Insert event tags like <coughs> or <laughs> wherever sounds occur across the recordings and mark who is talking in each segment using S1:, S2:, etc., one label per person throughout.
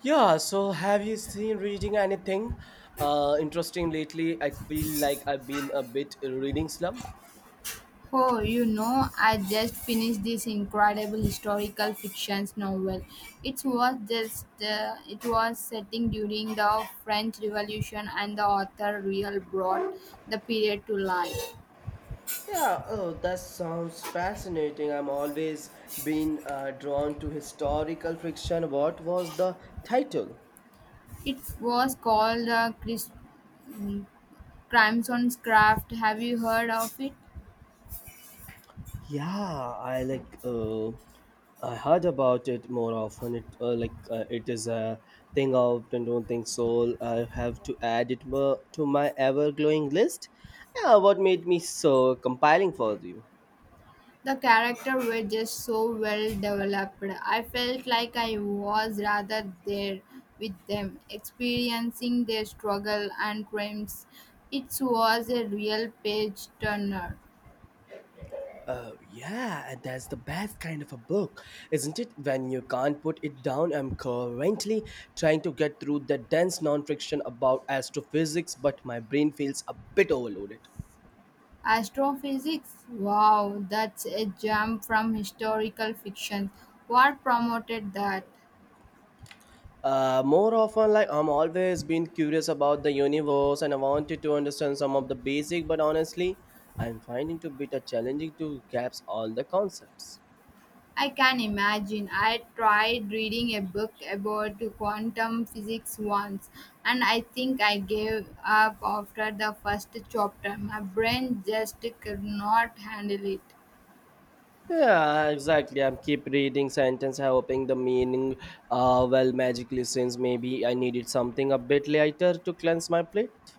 S1: Yeah, so have you seen reading anything interesting lately? I feel like I've been a bit reading slump.
S2: Oh, you know, I just finished this incredible historical fiction novel. It was just it was setting during the French Revolution, and the author really brought the period to life.
S1: Yeah, oh, that sounds fascinating. I'm always been drawn to historical fiction. What was the title?
S2: It was called mm, Crimson's Craft. Have you heard of it?
S1: Yeah, I like I heard about it more often. It like it is a thing out and don't think so. I have to add it more to my ever glowing list. Yeah, what made me so compiling for you?
S2: The character were just so well developed. I felt like I was rather there with them, experiencing their struggle and crimes. It was a real page turner.
S1: Oh, yeah, and that's the best kind of a book, isn't it? When you can't put it down, I'm currently trying to get through the dense non-fiction about astrophysics, but my brain feels a bit overloaded.
S2: Astrophysics? Wow, that's a jump from historical fiction. What promoted that?
S1: Like I'm always been curious about the universe and I wanted to understand some of the basic, but honestly, I'm finding it a bit a challenging to grasp all the concepts.
S2: I can imagine. I tried reading a book about quantum physics once, and I think I gave up after the first chapter. My brain just could not handle it.
S1: Yeah, exactly. I'm keep reading sentence, hoping the meaning, magically since maybe I needed something a bit later to cleanse my plate.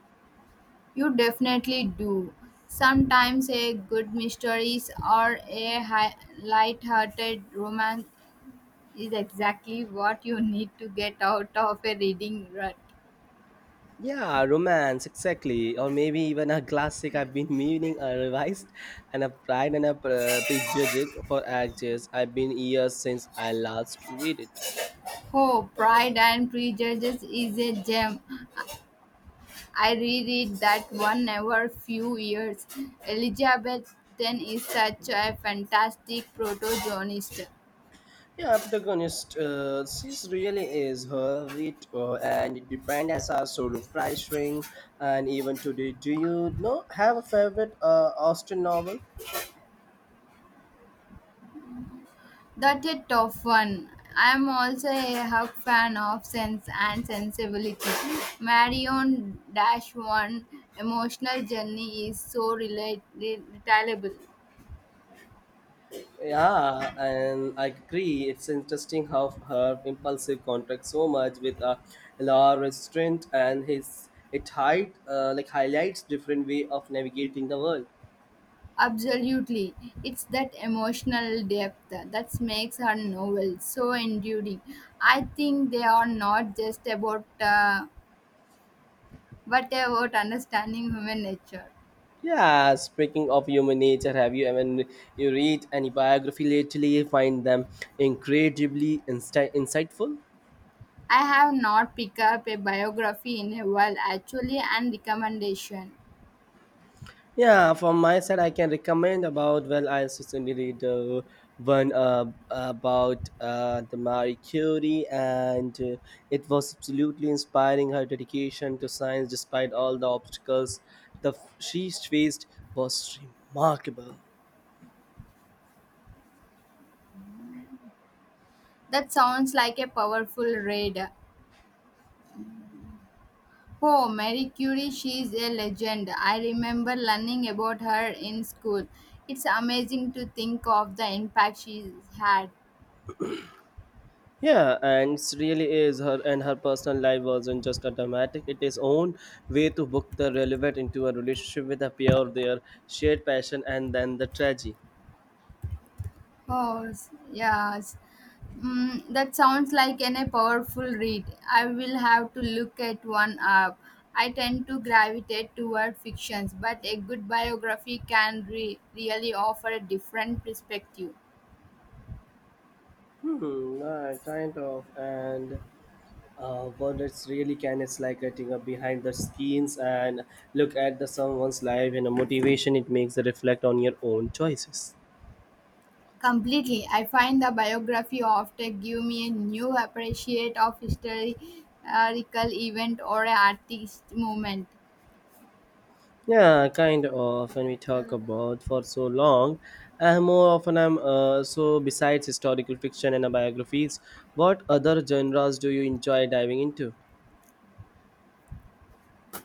S2: You definitely do. Sometimes a good mysteries or a light-hearted romance is exactly what you need to get out of a reading rut.
S1: Yeah, romance, exactly, or maybe even a classic I've been <laughs> meaning, a revised, and a pride and a prejudging for ages. I've been years since I last read it.
S2: Oh, Pride and Prejudice is a gem. I reread that one every few years. Elizabeth Ten is such a fantastic protagonist.
S1: Yeah, protagonist, she really is her wit and it depends as our solo price ring. And even today, do you know have a favorite Austen novel?
S2: That's a tough one. I'm also a hug fan of Sense and Sensibility. Marion Dash One emotional journey is so relatable.
S1: Yeah, and I agree. It's interesting how her impulsive contracts so much with law restraint and his it hide like highlights different way of navigating the world.
S2: Absolutely. It's that emotional depth that makes her novel so enduring. I think they are not just about but about understanding human nature.
S1: Yeah, speaking of human nature, have you ever you read any biography lately? Find them incredibly insightful.
S2: I have not picked up a biography in a while, actually, and recommendation.
S1: Yeah, from my side, I can recommend about. Well, I certainly read one about the Marie Curie, and it was absolutely inspiring. Her dedication to science, despite all the obstacles she faced, was remarkable.
S2: That sounds like a powerful read. Oh, Mary Curie, she is a legend. I remember learning about her in school. It's amazing to think of the impact she had.
S1: Yeah, and it's really is her and her personal life wasn't just a dramatic. It is own way to book the relevant into a relationship with a peer, their shared passion, and then the tragedy.
S2: Oh, yes. That sounds like an, a powerful read. I will have to look at one up. I tend to gravitate toward fictions, but a good biography can really offer a different perspective.
S1: Kind of. And what it's really can is like getting up behind the scenes and look at the someone's life and a motivation. It makes a reflect on your own choices.
S2: Completely. I find the biography often give me a new appreciate of historical event or a artist movement.
S1: Yeah, kind of. When we talk about for so long, more often I'm so besides historical fiction and biographies, what other genres do you enjoy diving into?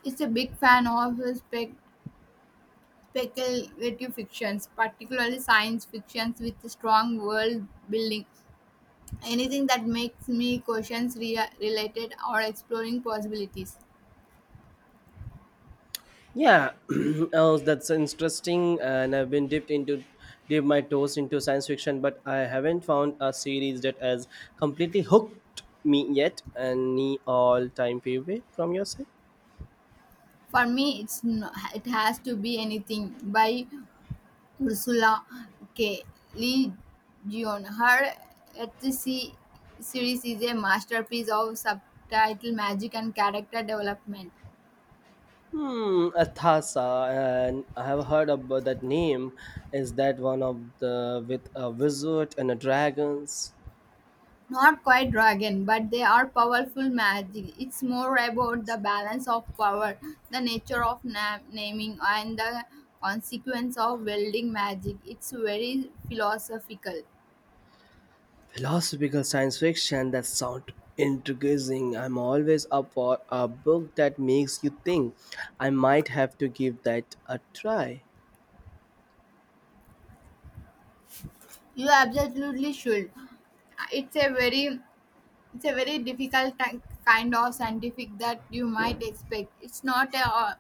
S2: It's a big fan of speculative fictions, particularly science fictions with strong world building. Anything that makes me questions related or exploring possibilities.
S1: Yeah, <clears throat> oh, that's interesting. And I've been dipped into dip my toes into science fiction, but I haven't found a series that has completely hooked me yet. Any all-time favorite from your side?
S2: For me, it's no, it has to be anything by Ursula K. Le Guin. Her HC series is a masterpiece of subtitle magic and character development.
S1: Hmm, Athasa, and I have heard about that name. Is that one of the with a wizard and a dragons?
S2: Not quite dragon, but they are powerful magic. It's more about the balance of power, the nature of naming, and the consequence of wielding magic. It's very philosophical.
S1: Philosophical science fiction that sound intriguing. I'm always up for a book that makes you think. I might have to give that a try.
S2: You absolutely should. It's a very it's a very kind of scientific that you might expect. It's not a, all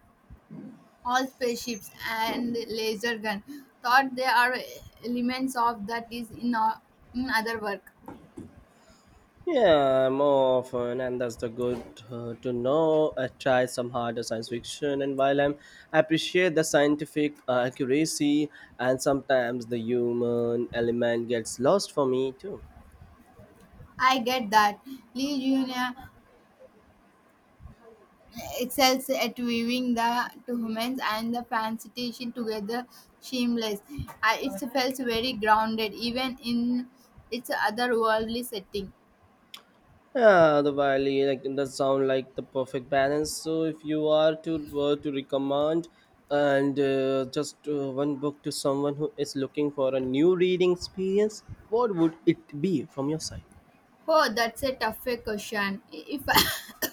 S2: all spaceships and laser gun. Thought there are elements of that is in other work.
S1: Yeah, more often, and that's the good to know. I try some harder science fiction, and while I appreciate the scientific accuracy, and sometimes the human element gets lost for me too.
S2: I get that. Lee Jr. excels at weaving the two humans and the fantasy together seamless. I, it feels very grounded, even in its otherworldly setting.
S1: Yeah, the Wiley, like that sound like the perfect balance. So if you are to were to recommend and just one book to someone who is looking for a new reading experience, what would it be from your side?
S2: Oh, that's a tough question. If <laughs>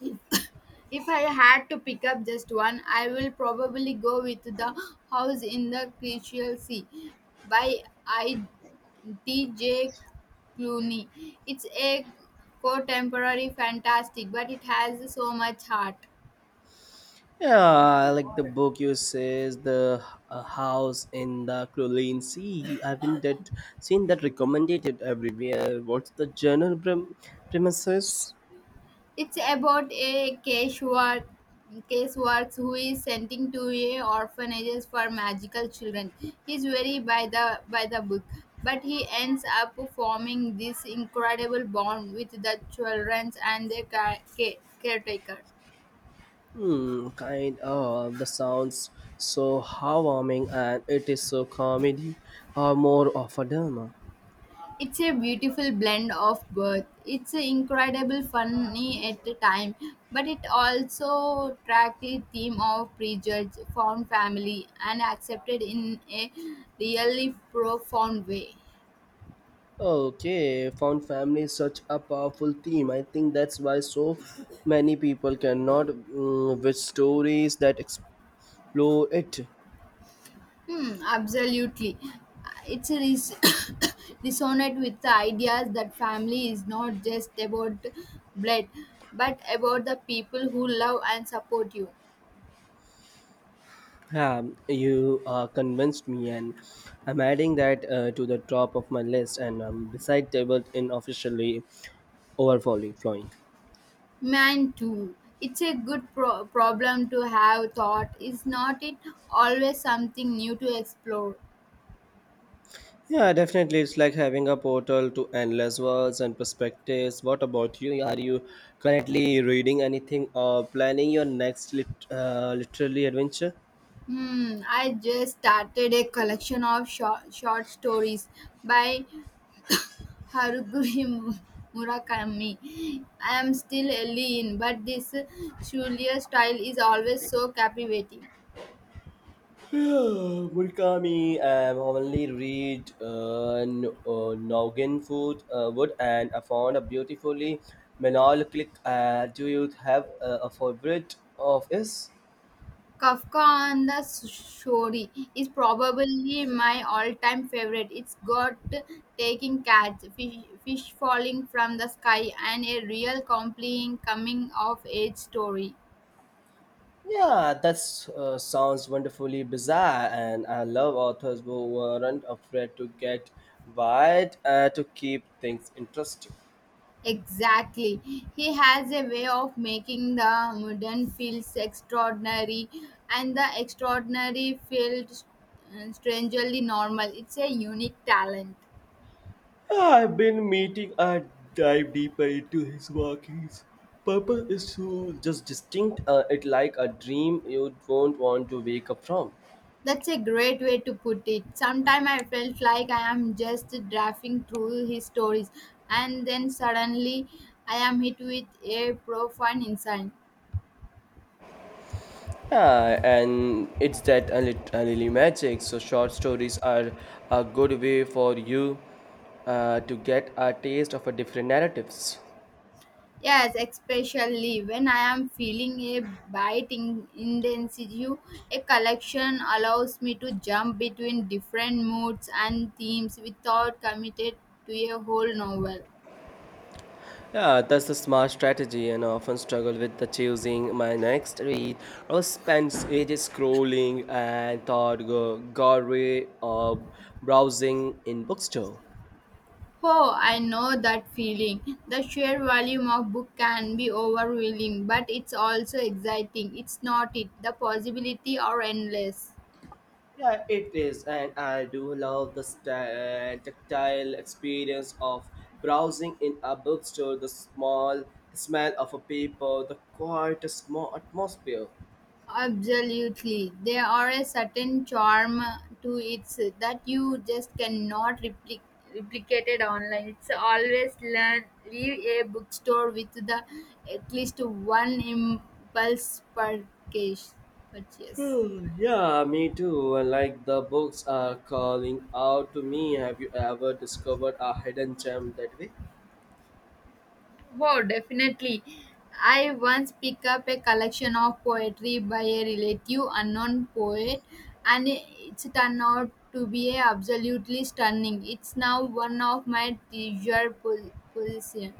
S2: If <coughs> if I had to pick up just one, I will probably go with The House in the Crystal Sea by I. T. J. Clooney. It's a contemporary fantastic, but it has so much heart.
S1: Yeah, I like the book you says the house in the Crowley Sea. I haven't that seen that recommended everywhere. What's the premises?
S2: It's about a casework who is sending to a orphanages for magical children. He's very by the book, but he ends up forming this incredible bond with the children and their caretaker.
S1: Kind of the sounds so harming and it is so comedy or more of a drama.
S2: It's a beautiful blend of both. It's incredible funny at the time, but it also tracked the theme of prejudice, found family, and accepted in a really profound way.
S1: Okay, found family is such a powerful theme. I think that's why so many people cannot with stories that explore it.
S2: Hmm, absolutely. It's a res- <coughs> resonate with the ideas that family is not just about blood, but about the people who love and support you.
S1: Yeah, you convinced me, and I'm adding that to the top of my list, and beside table in officially overflowing. Flowing.
S2: Mine too. It's a good problem to have thought, is not it? Always something new to explore.
S1: Yeah, definitely, it's like having a portal to endless worlds and perspectives. What about you? Are you currently reading anything or planning your next literary adventure?
S2: Hmm, I just started a collection of short stories by <coughs> Haruguri Mu- Murakami. I am still early in, but this Shulia style is always so captivating.
S1: <sighs> Murakami only read Noggin food, Wood and I found a beautifully melancholic. Do you have a favorite of his?
S2: Kafka on the Shore is probably my all-time favorite. It's got taking cats, fish falling from the sky, and a real compelling coming-of-age story.
S1: Yeah, that sounds wonderfully bizarre, and I love authors who weren't afraid to get wide to keep things interesting.
S2: Exactly. He has a way of making the modern feels extraordinary, and the extraordinary feels strangely normal. It's a unique talent.
S1: I've been meeting and dive deeper into his workings. Purpose is to just distinct it like a dream you don't want to wake up from.
S2: That's a great way to put it. Sometimes I felt like I am just drafting through his stories, and then suddenly I am hit with a profound insight.
S1: Yeah, and it's that a little magic. So short stories are a good way for you to get a taste of a different narratives.
S2: Yes, especially when I am feeling a bite in intensity, a collection allows me to jump between different moods and themes without committed to a whole novel.
S1: Yeah, that's a smart strategy, and I often struggle with the choosing my next read. I will spend ages scrolling and thought gallery or browsing in bookstore.
S2: Oh, I know that feeling. The sheer volume of book can be overwhelming, but it's also exciting. It's not it. The possibility are endless.
S1: Yeah, it is, and I do love the tactile experience of browsing in a bookstore. The smell of a paper, the quiet, small atmosphere.
S2: Absolutely. There are a certain charm to it that you just cannot replicated online. It's always learn leave a bookstore with the at least one impulse purchase.
S1: Hmm, yeah, me too. And like the books are calling out to me. Have you ever discovered a hidden gem that way?
S2: Oh, definitely. I once picked up a collection of poetry by a relative unknown poet, and it's turned out to be absolutely stunning. It's now one of my treasured possessions.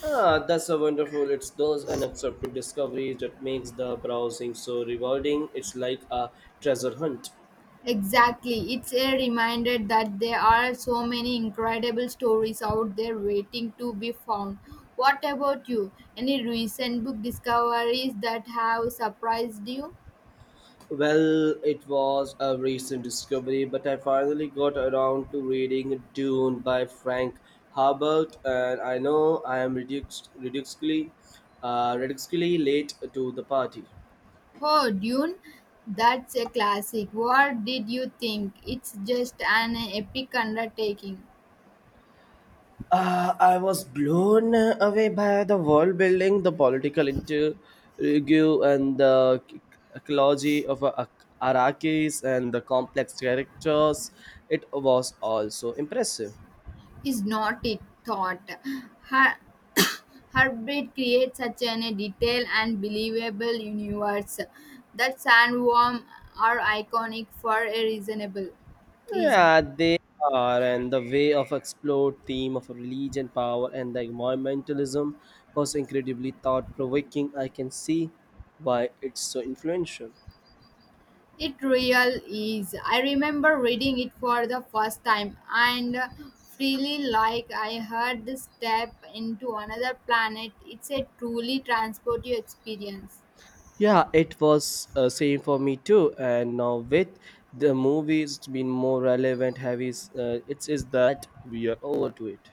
S1: Ah, that's so wonderful. It's those unaccepted discoveries that makes the browsing so rewarding. It's like a treasure hunt.
S2: Exactly. It's a reminder that there are so many incredible stories out there waiting to be found. What about you? Any recent book discoveries that have surprised you?
S1: Well, it was a recent discovery, but I finally got around to reading Dune by Frank Herbert, and I know I am ridiculously late to the party.
S2: Oh, Dune, that's a classic. What did you think? It's just an epic undertaking,
S1: I was blown away by the world building, the political intrigue, and the ecology of Arakis and the complex characters. It was also impressive.
S2: is not it? Thought. Her- <coughs> Heartbeat creates such an a detailed and believable universe. That sandworm are iconic for a reason.
S1: Yeah, they are, and the way of explored theme of religion, power, and the environmentalism was incredibly thought provoking. I can see why it's so influential.
S2: It real is. I remember reading it for the first time and freely like I heard the step into another planet. It's a truly transport you experience.
S1: Yeah, it was same for me too. And now with the movies it's been more relevant, heavy, it is that we are over to it.